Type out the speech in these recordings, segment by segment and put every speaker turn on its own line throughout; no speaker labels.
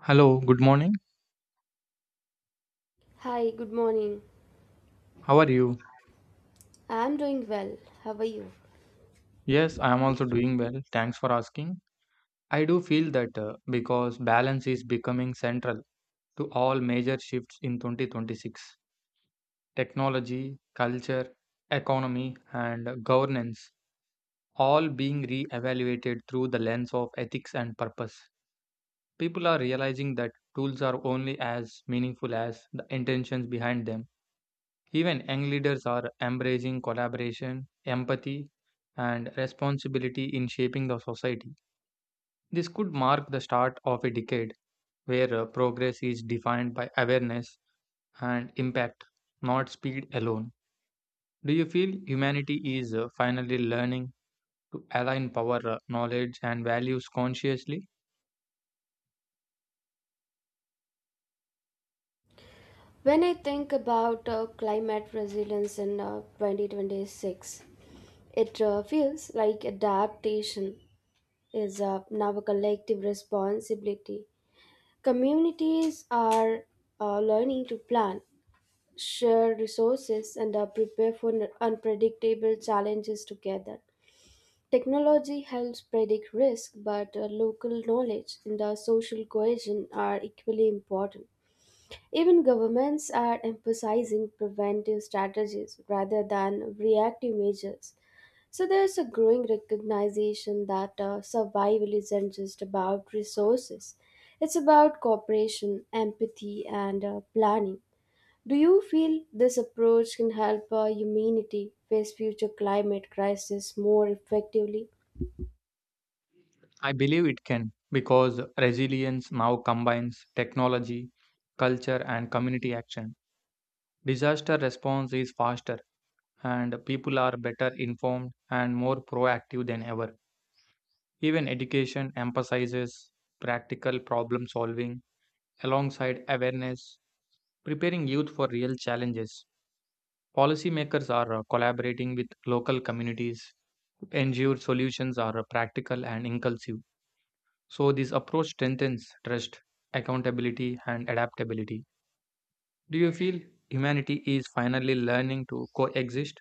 Hello, good morning.
Hi, good morning.
How are you?
I'm doing well. How are you?
Yes, I am also doing well. Thanks for asking. I do feel that because balance is becoming central to all major shifts in 2026. Technology, culture, economy, and governance all being re-evaluated through the lens of ethics and purpose. People are realizing that tools are only as meaningful as the intentions behind them. Even young leaders are embracing collaboration, empathy, and responsibility in shaping the society. This could mark the start of a decade where progress is defined by awareness and impact, not speed alone. Do you feel humanity is finally learning to align power, knowledge, and values consciously?
When I think about climate resilience in 2026, it feels like adaptation is now a collective responsibility. Communities are learning to plan, share resources, and prepare for unpredictable challenges together. Technology helps predict risk, but local knowledge and the social cohesion are equally important. Even governments are emphasizing preventive strategies rather than reactive measures. So there's a growing recognition that survival isn't just about resources, it's about cooperation, empathy, and planning. Do you feel this approach can help humanity face future climate crisis more effectively?
I believe it can because resilience now combines technology, culture, and community action. Disaster response is faster and people are better informed and more proactive than ever. Even education emphasizes practical problem solving alongside awareness, preparing youth for real challenges. Policymakers are collaborating with local communities to ensure solutions are practical and inclusive. So, this approach strengthens trust, accountability, and adaptability. Do you feel humanity is finally learning to coexist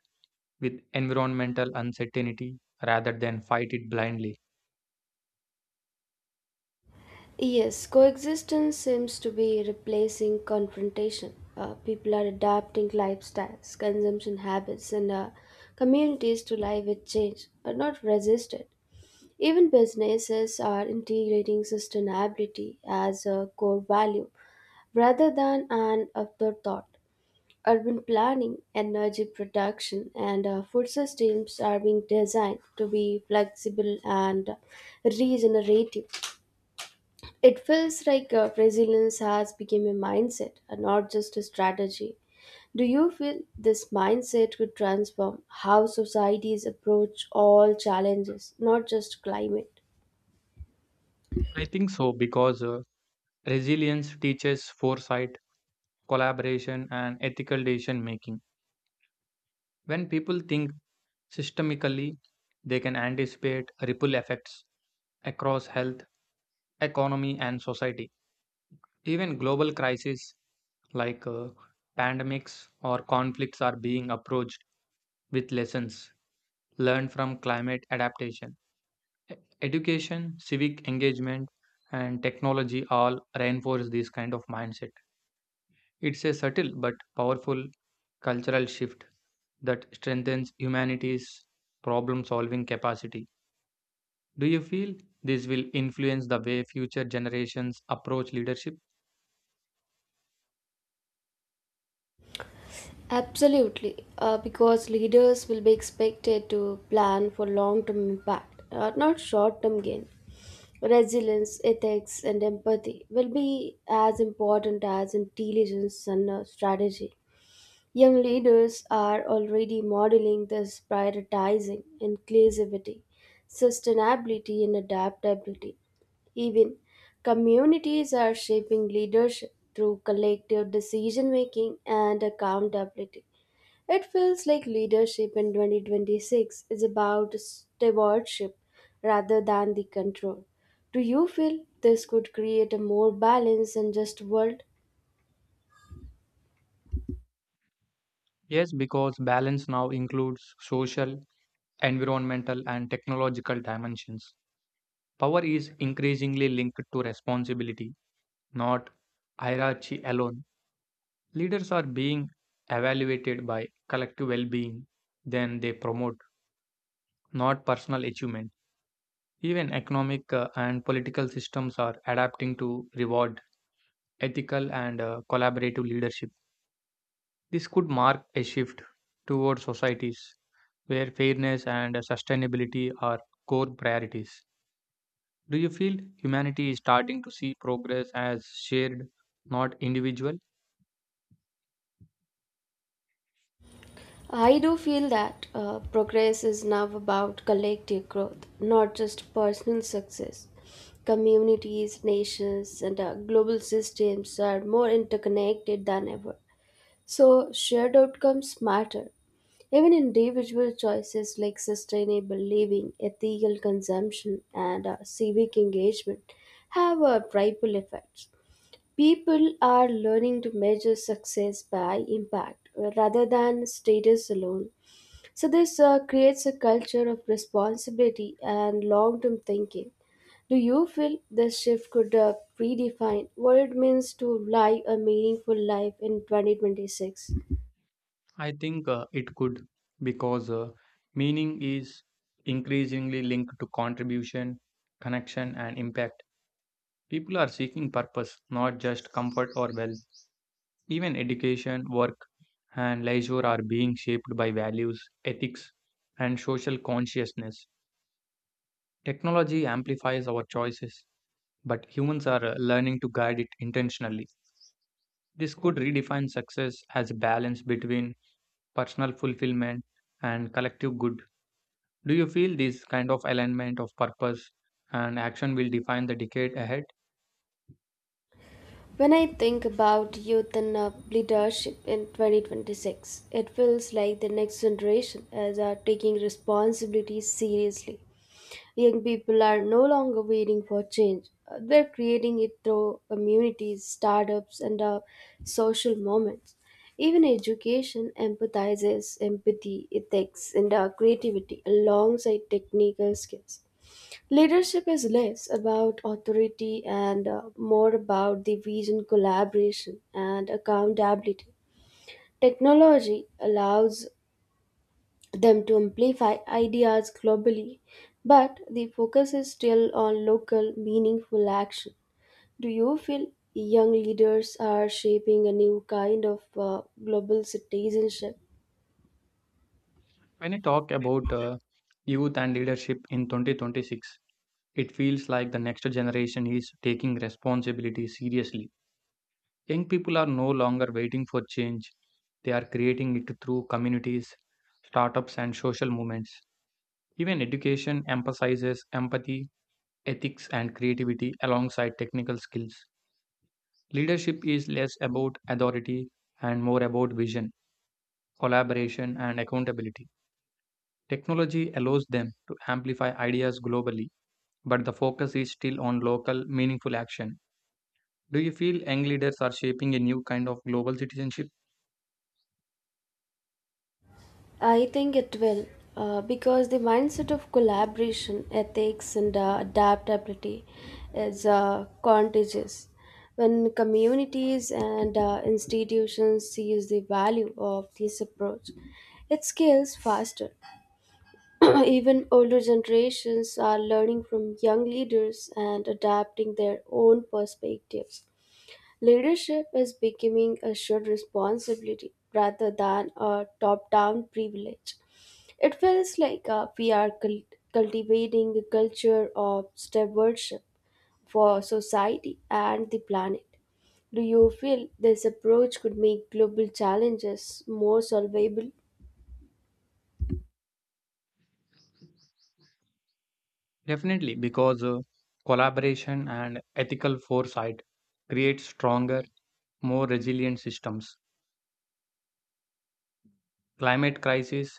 with environmental uncertainty rather than fight it blindly?
Yes, coexistence seems to be replacing confrontation. People are adapting lifestyles, consumption habits, and communities to live with change, but not resist it. Even businesses are integrating sustainability as a core value rather than an afterthought. Urban planning, energy production, and food systems are being designed to be flexible and regenerative. It feels like resilience has become a mindset and not just a strategy. Do you feel this mindset could transform how societies approach all challenges, not just climate?
I think so because resilience teaches foresight, collaboration, and ethical decision making. When people think systemically, they can anticipate ripple effects across health, economy, and society. Even global crises like pandemics or conflicts are being approached with lessons learn from climate adaptation. E- Education, civic engagement, and technology all reinforce this kind of mindset. It's a subtle but powerful cultural shift that strengthens humanity's problem solving capacity. Do you feel this will influence the way future generations approach leadership?
Absolutely, because leaders will be expected to plan for long term impact, not short term gain. Resilience, ethics, and empathy will be as important as intelligence and strategy. Young leaders are already modeling this prioritizing inclusivity, sustainability, and adaptability. Even communities are shaping leadership through collective decision making and accountability. It feels like leadership in 2026 is about stewardship rather than the control. Do you feel this could create a more balanced and just world?
Yes, because balance now includes social, environmental, and technological dimensions. Power is increasingly linked to responsibility, not hierarchy alone. Leaders are being evaluated by collective well being, then they promote, not personal achievement. Even economic and political systems are adapting to reward ethical and collaborative leadership. This could mark a shift toward societies where fairness and sustainability are core priorities. Do you feel humanity is starting to see progress as shared, not individual?
I do feel that progress is now about collective growth, not just personal success. Communities, nations, and global systems are more interconnected than ever. So, shared outcomes matter. Even individual choices like sustainable living, ethical consumption, and civic engagement have ripple effects. People are learning to measure success by impact rather than status alone. So this creates a culture of responsibility and long-term thinking. Do you feel this shift could redefine what it means to live a meaningful life in 2026?
I think it could because meaning is increasingly linked to contribution, connection, and impact. People are seeking purpose, not just comfort or wealth. Even education, work, and leisure are being shaped by values, ethics, and social consciousness. Technology amplifies our choices, but humans are learning to guide it intentionally. This could redefine success as a balance between personal fulfillment and collective good. Do you feel this kind of alignment of purpose and action will define the decade ahead?
When I think about youth and leadership in 2026, it feels like the next generation is taking responsibilities seriously. Young people are no longer waiting for change. They're creating it through communities, startups, and social moments. Even education empathizes empathy, ethics, and creativity alongside technical skills. Leadership is less about authority and more about the vision, collaboration, and accountability. Technology allows them to amplify ideas globally, but the focus is still on local, meaningful action. Do you feel young leaders are shaping a new kind of global citizenship?
When I talk about youth and leadership in 2026, it feels like the next generation is taking responsibility seriously. Young people are no longer waiting for change, they are creating it through communities, startups, and social movements. Even education emphasizes empathy, ethics, and creativity alongside technical skills. Leadership is less about authority and more about vision collaboration, and accountability. Technology allows them to amplify ideas globally, but the focus is still on local, meaningful action. Do you feel young leaders are shaping a new kind of global citizenship?
I think it will, because the mindset of collaboration, ethics, and adaptability is contagious. When communities and institutions sees the value of this approach, it scales faster. Even older generations are learning from young leaders and adapting their own perspectives. Leadership is becoming a shared responsibility rather than a top down privilege. It feels like we are cultivating a culture of stewardship for society and the planet. Do you feel this approach could make global challenges more solvable?
Definitely, because collaboration and ethical foresight create stronger, more resilient systems. Climate crisis,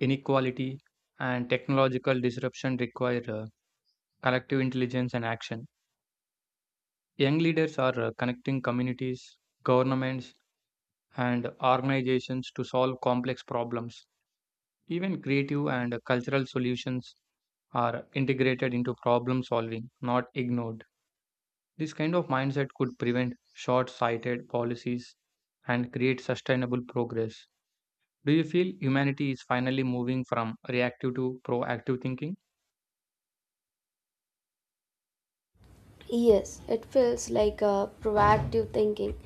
inequality, and technological disruption require collective intelligence and action. Young leaders are connecting communities, governments, and organizations to solve complex problems. Even creative and cultural solutions are integrated into problem solving, not ignored. This kind of mindset could prevent short sighted policies and create sustainable progress. Do you feel humanity is finally moving from reactive to proactive thinking?
Yes, it feels like a proactive thinking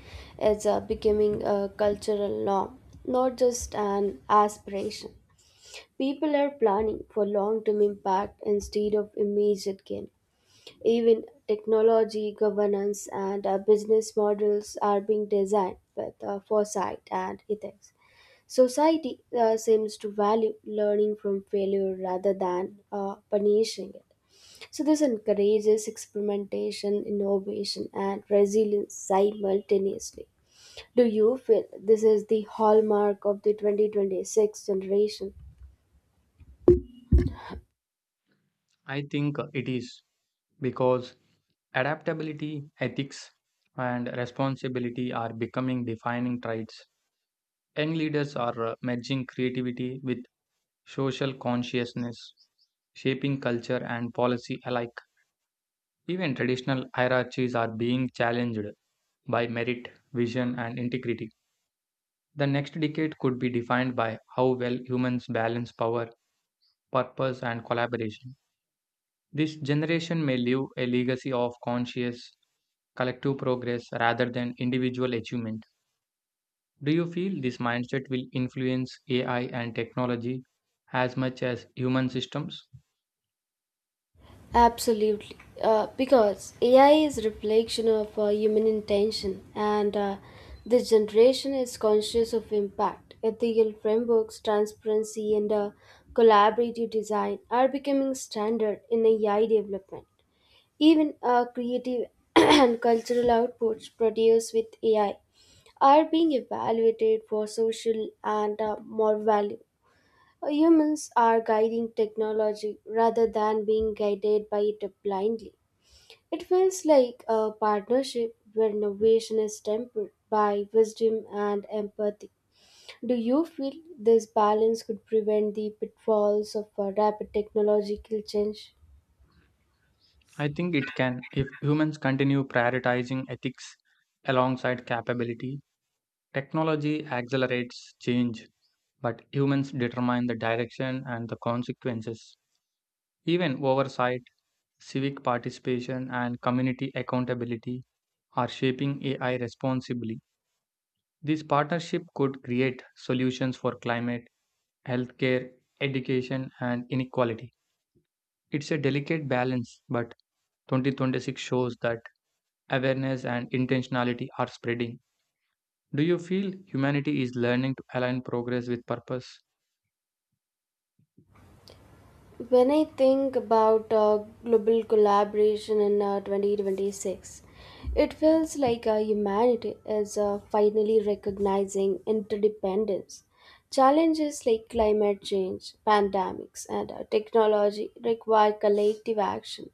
is becoming a cultural norm, not just an aspiration. People are planning for long term impact instead of immediate gain. Even technology, governance, and business models are being designed with foresight and ethics. Society seems to value learning from failure rather than punishing it. So this encourages experimentation, innovation, and resilience simultaneously. Do you feel this is the hallmark of the 2026 generation?
I think it is because adaptability, ethics, and responsibility are becoming defining traits. Young leaders are merging creativity with social consciousness, shaping culture and policy alike. Even traditional hierarchies are being challenged by merit, vision, and integrity. The next decade could be defined by how well humans balance power, purpose, and collaboration. This generation may leave a legacy of conscious, collective progress rather than individual achievement. Do you feel this mindset will influence AI and technology as much as human systems?
Absolutely. Because AI is reflection of human intention and this generation is conscious of impact. Ethical frameworks, transparency and collaborative design are becoming standard in AI development. Even creative and cultural outputs produced with AI are being evaluated for social and moral value. Humans are guiding technology rather than being guided by it blindly. It feels like a partnership where innovation is tempered by wisdom and empathy. Do you feel this balance could prevent the pitfalls of a rapid technological change?
I think it can. If humans continue prioritizing ethics alongside capability, technology accelerates change, but humans determine the direction and the consequences. Even oversight, civic participation, and community accountability are shaping AI responsibly. This partnership could create solutions for climate healthcare, education, and inequality. It's a delicate balance, but 2026 shows that awareness and intentionality are spreading. Do you feel humanity is learning to align progress with purpose?
When I think about global collaboration in 2026, it feels like humanity is finally recognizing interdependence. Challenges like climate change, pandemics, and technology require collective action,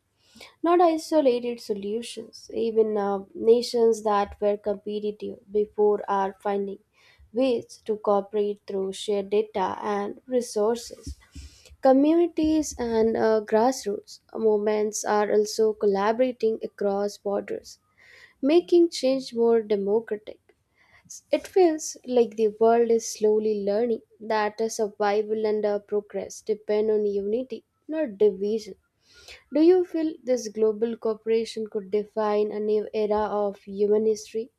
not isolated solutions. Even nations that were competitive before are finding ways to cooperate through shared data and resources. Communities and grassroots movements are also collaborating across borders, making change more democratic. It feels like the world is slowly learning that survival and progress depend on unity, not division. Do you feel this global cooperation could define a new era of human history?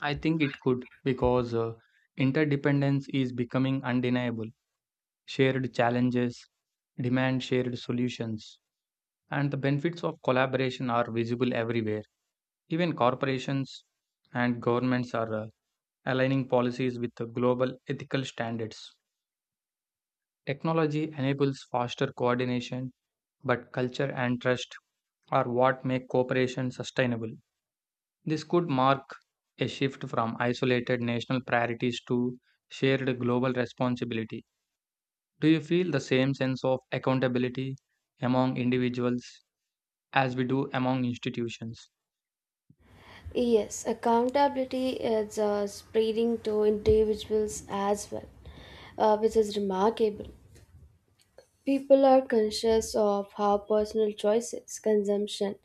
I think it could because interdependence is becoming undeniable. Shared challenges demand shared solutions, and the benefits of collaboration are visible everywhere. Even corporations and governments are aligning policies with the global ethical standards. Technology enables faster coordination, but culture and trust are what make cooperation sustainable. This could mark a shift from isolated national priorities to shared global responsibility. Do you feel the same sense of accountability among individuals as we do among institutions?
Yes, accountability is spreading to individuals as well, which is remarkable. People are conscious of how personal choices, consumption,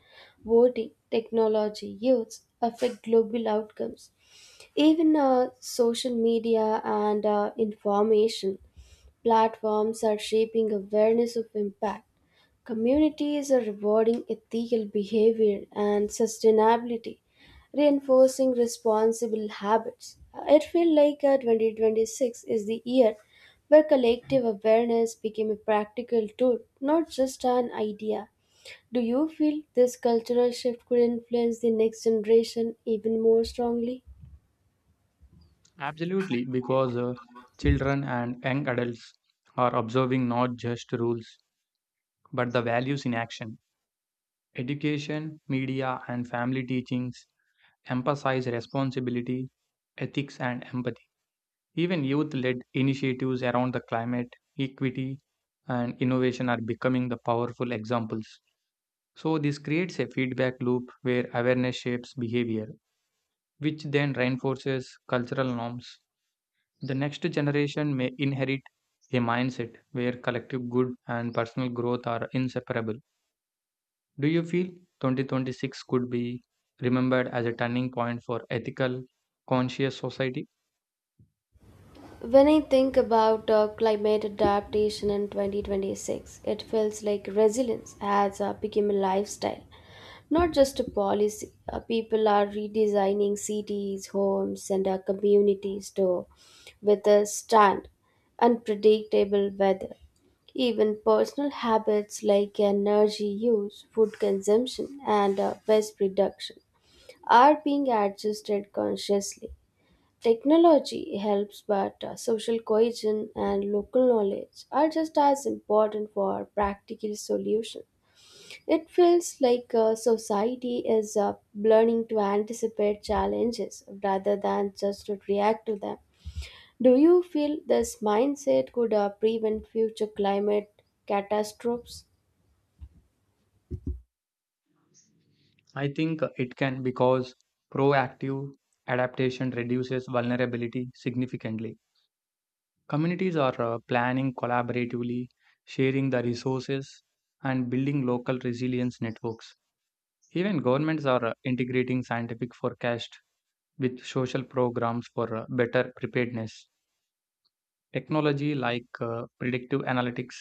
voting, technology use affect global outcomes. Even social media and information platforms are shaping awareness of impact. Communities are rewarding ethical behavior and sustainability, reinforcing responsible habits. It feels like 2026 is the year where collective awareness became a practical tool, not just an idea. Do you feel this cultural shift could influence the next generation even more strongly?
Absolutely, because children and young adults are observing not just rules but the values in action. Education, media, and family teachings emphasize responsibility, ethics, and empathy. Even youth led initiatives around the climate, equity, and innovation are becoming the powerful examples. So, this creates a feedback loop where awareness shapes behavior, which then reinforces cultural norms. The next generation may inherit a mindset where collective good and personal growth are inseparable. Do you feel 2026 could be remembered as a turning point for ethical, conscious society?
When I think about climate adaptation in 2026, it feels like resilience has become a lifestyle, not just a policy. People are redesigning cities, homes, and communities to withstand unpredictable weather. Even personal habits like energy use, food consumption, and waste reduction are being adjusted consciously. Technology helps, but social cohesion and local knowledge are just as important for practical solution. It feels like society is learning to anticipate challenges rather than just to react to them. Do you feel this mindset could prevent future climate catastrophes?
I think it can because proactive adaptation reduces vulnerability significantly. Communities are planning collaboratively, sharing the resources, and building local resilience networks. Even governments are integrating scientific forecast with social programs for better preparedness. Technology like predictive analytics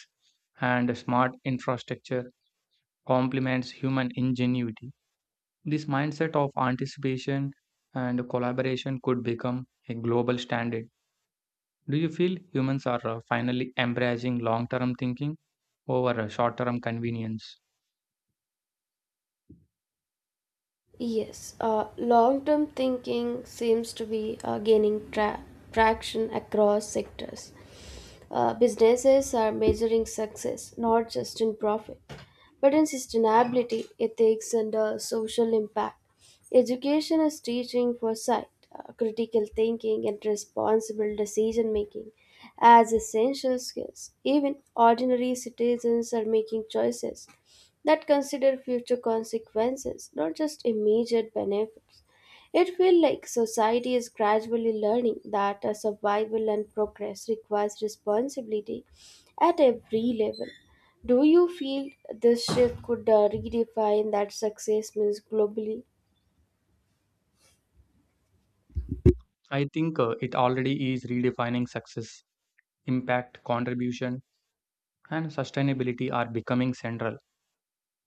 and smart infrastructure complements human ingenuity. This mindset of anticipation and collaboration could become a global standard. Do you feel humans are finally embracing long term thinking over short term convenience?
Yes, long term thinking seems to be gaining traction across sectors. Businesses are measuring success not just in profit, but in sustainability, ethics, and social impact. Education is teaching foresight, critical thinking, and responsible decision making as essential skills. Even ordinary citizens are making choices that consider future consequences, not just immediate benefits. It feels like society is gradually learning that a survival and progress requires responsibility at every level. Do you feel this shift could redefine that success means globally?
I think it already is redefining success, impact, contribution, and sustainability are becoming central.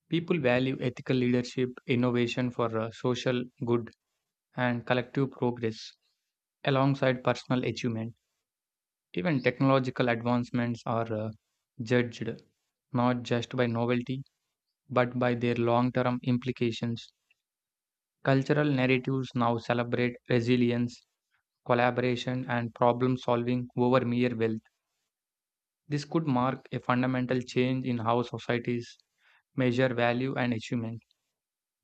People value ethical leadership, innovation for social good, and collective progress alongside personal achievement. Even technological advancements are judged not just by novelty but by their long term implications. Cultural narratives now celebrate resilience, collaboration, and problem solving over mere wealth. This could mark a fundamental change in how societies measure value and achievement.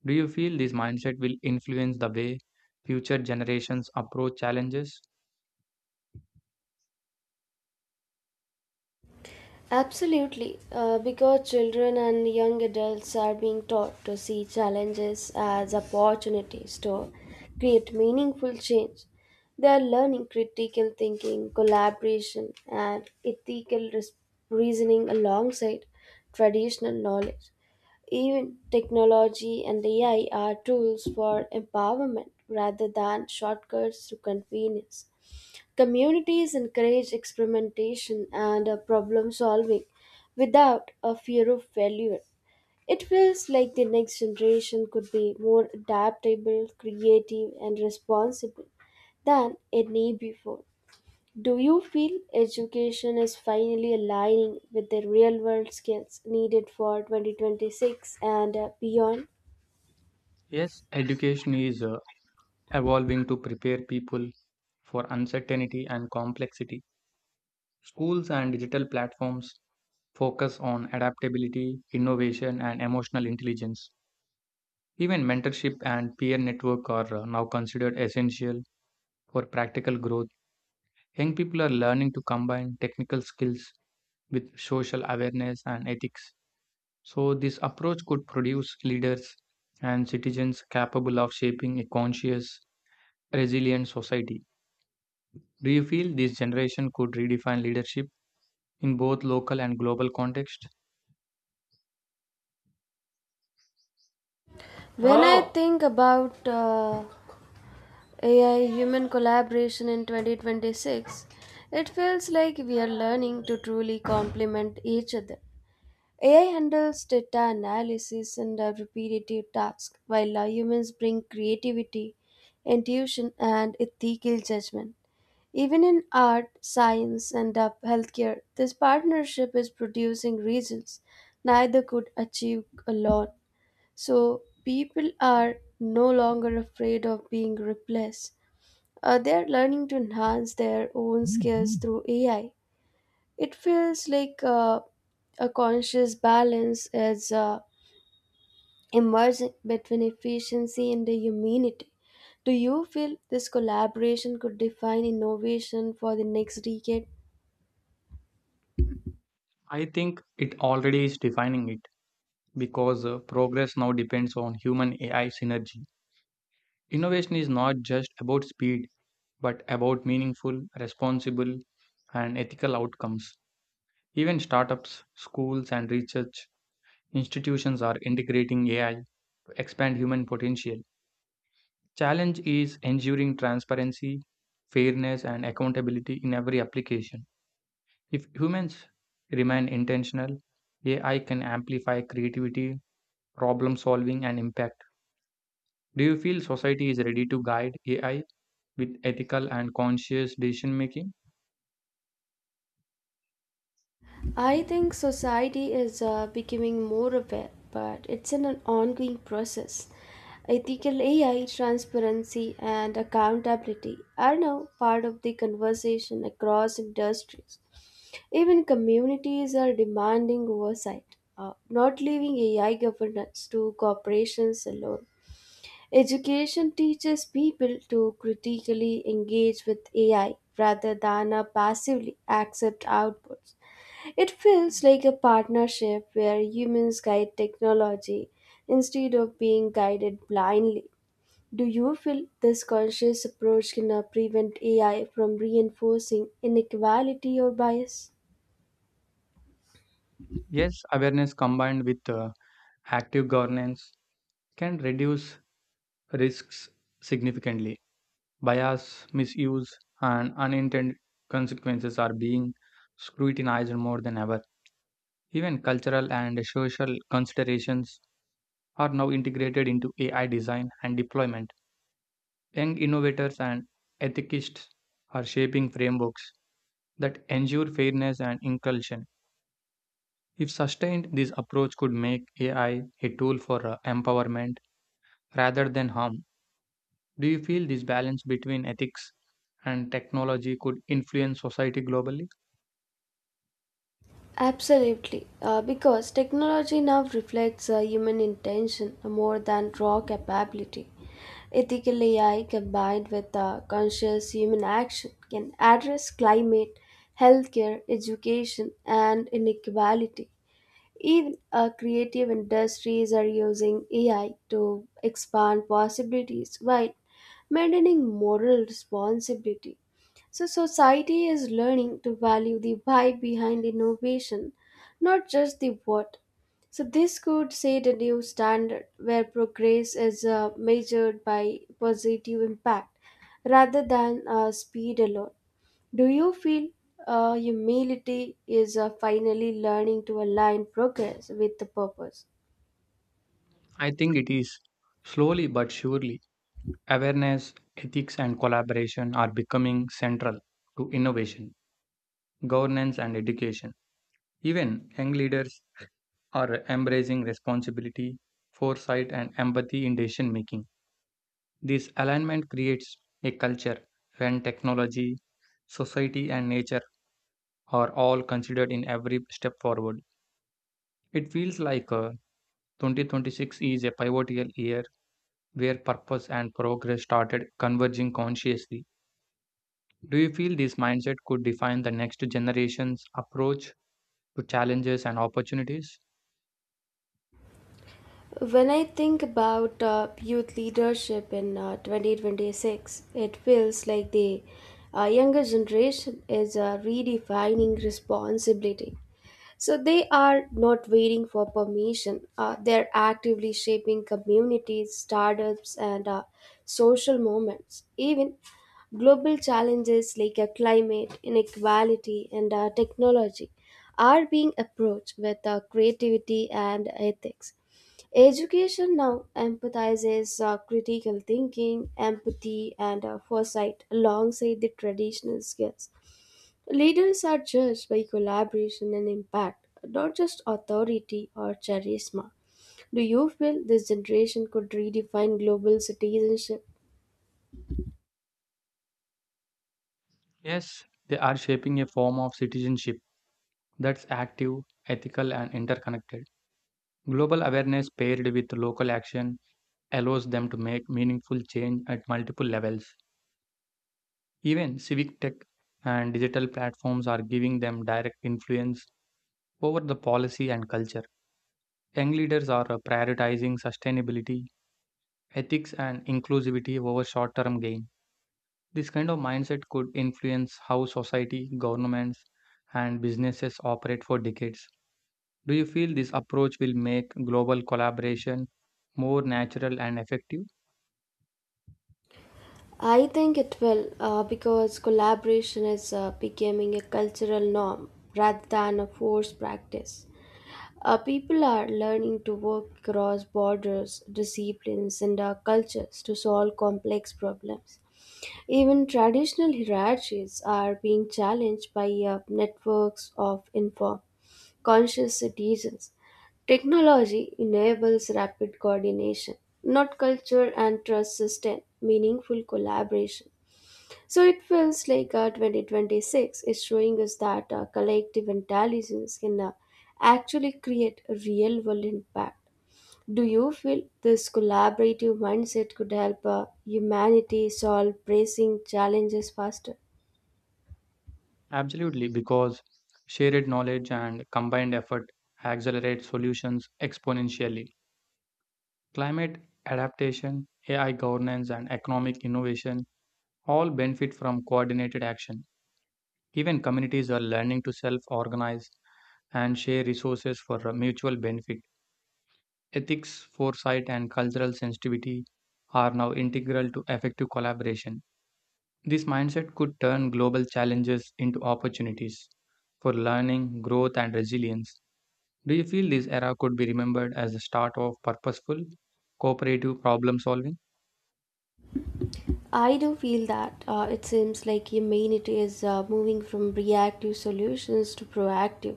Do you feel this mindset will influence the way future generations approach challenges?
Absolutely, because children and young adults are being taught to see challenges as opportunities to create meaningful change. They are learning critical thinking, collaboration, and ethical reasoning alongside traditional knowledge. Even technology and AI are tools for empowerment rather than shortcuts to convenience. Communities encourage experimentation and problem solving without a fear of failure. It feels like the next generation could be more adaptable, creative, and responsible than any before. Do you feel education is finally aligning with the real world skills needed for 2026 and beyond?
Yes, education is evolving to prepare people for uncertainty and complexity. Schools and digital platforms focus on adaptability, innovation, and emotional intelligence. Even mentorship and peer network are now considered essential for practical growth. Young people are learning to combine technical skills with social awareness and ethics. So, this approach could produce leaders and citizens capable of shaping a conscious, resilient society. Do you feel this generation could redefine leadership in both local and global context?
When I think about AI human collaboration in 2026, it feels like we are learning to truly complement each other. AI handles data analysis and repetitive tasks, while humans bring creativity, intuition, and ethical judgment. Even in art, science, and healthcare, this partnership is producing results neither could achieve alone. So, people are no longer afraid of being replaced they are learning to enhance their own skills through AI. It feels like a conscious balance is emerging between efficiency and the humanity. Do you feel this collaboration could define innovation for the next decade?
I think it already is defining it because progress now depends on human AI synergy. Innovation is not just about speed but about meaningful, responsible and ethical outcomes. Even startups, schools and research institutions are integrating AI to expand human potential. Challenge is ensuring transparency, fairness and accountability in every application. If humans remain intentional, AI can amplify creativity, problem solving, and impact. Do you feel society is ready to guide AI with ethical and conscious decision making?
I think society is becoming more aware, but it's an ongoing process. Ethical AI, transparency, and accountability are now part of the conversation across industries. Even communities are demanding oversight, not leaving AI governance to corporations alone. Education teaches people to critically engage with AI rather than passively accept outputs. It feels like a partnership where humans guide technology instead of being guided blindly. Do you feel this conscious approach can prevent AI from reinforcing inequality or bias?
Yes, awareness combined with active governance can reduce risks significantly. Bias, misuse, and unintended consequences are being scrutinized more than ever. Even cultural and social considerations are now integrated into AI design and deployment. Young innovators and ethicists are shaping frameworks that ensure fairness and inclusion. If sustained, this approach could make AI a tool for empowerment rather than harm. Do you feel this balance between ethics and technology could influence society globally?
Absolutely, because technology now reflects human intention more than raw capability. Ethical AI combined with conscious human action can address climate, healthcare, education, and inequality. Even creative industries are using AI to expand possibilities while maintaining moral responsibility. So, society is learning to value the why behind innovation, not just the what. So, this could set a new standard where progress is measured by positive impact rather than speed alone. Do you feel humility is finally learning to align progress with the purpose?
I think it is. Slowly but surely, awareness, ethics, and collaboration are becoming central to innovation, governance, and education. Even young leaders are embracing responsibility, foresight, and empathy in decision making. This alignment creates a culture when technology, society, and nature are all considered in every step forward. It feels like 2026 is a pivotal year where purpose and progress started converging consciously. Do you feel this mindset could define the next generation's approach to challenges and opportunities?
When I think about youth leadership in 2026, it feels like the younger generation is redefining responsibility. So they are not waiting for permission, they're actively shaping communities, startups, and social movements. Even global challenges like climate, inequality, and technology are being approached with creativity and ethics. Education now emphasizes critical thinking, empathy, and foresight alongside the traditional skills. Leaders are judged by collaboration and impact, not just authority or charisma. Do you feel this generation could redefine global citizenship?
Yes, they are shaping a form of citizenship that's active, ethical, and interconnected. Global awareness paired with local action allows them to make meaningful change at multiple levels. Even civic tech and digital platforms are giving them direct influence over the policy and culture. Young leaders are prioritizing sustainability, ethics, and inclusivity over short term gain. This kind of mindset could influence how society, governments, and businesses operate for decades. Do you feel this approach will make global collaboration more natural and effective?
I think it will because collaboration is becoming a cultural norm rather than a forced practice. People are learning to work across borders, disciplines, and cultures to solve complex problems. Even traditional hierarchies are being challenged by networks of inform conscious citizens. Technology enables rapid coordination, not culture and trust sustain meaningful collaboration. So it feels like 2026 is showing us that collective intelligence can actually create a real world impact. Do you feel this collaborative mindset could help humanity solve pressing challenges faster?
Absolutely, because shared knowledge and combined effort accelerate solutions exponentially. Climate adaptation, AI governance, and economic innovation all benefit from coordinated action. Even communities are learning to self organize and share resources for a mutual benefit. Ethics, foresight, and cultural sensitivity are now integral to effective collaboration. This mindset could turn global challenges into opportunities for learning, growth, and resilience. Do you feel this era could be remembered as the start of purposeful, cooperative problem solving?
I do feel that it seems like humanity is moving from reactive solutions to proactive,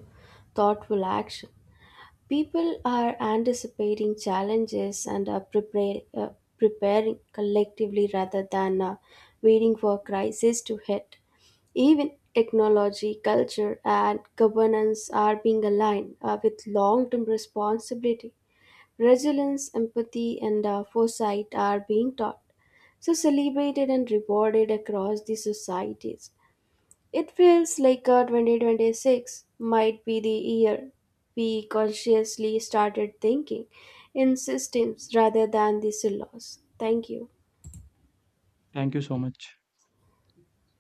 thoughtful action. People are anticipating challenges and are preparing collectively rather than waiting for crisis to hit. Even technology, culture, and governance are being aligned with long term responsibility. Resilience, empathy, and foresight are being taught so celebrated and rewarded across the societies. It feels like 2026 might be the year we consciously started thinking in systems rather than the silos. Thank you.
Thank you so much.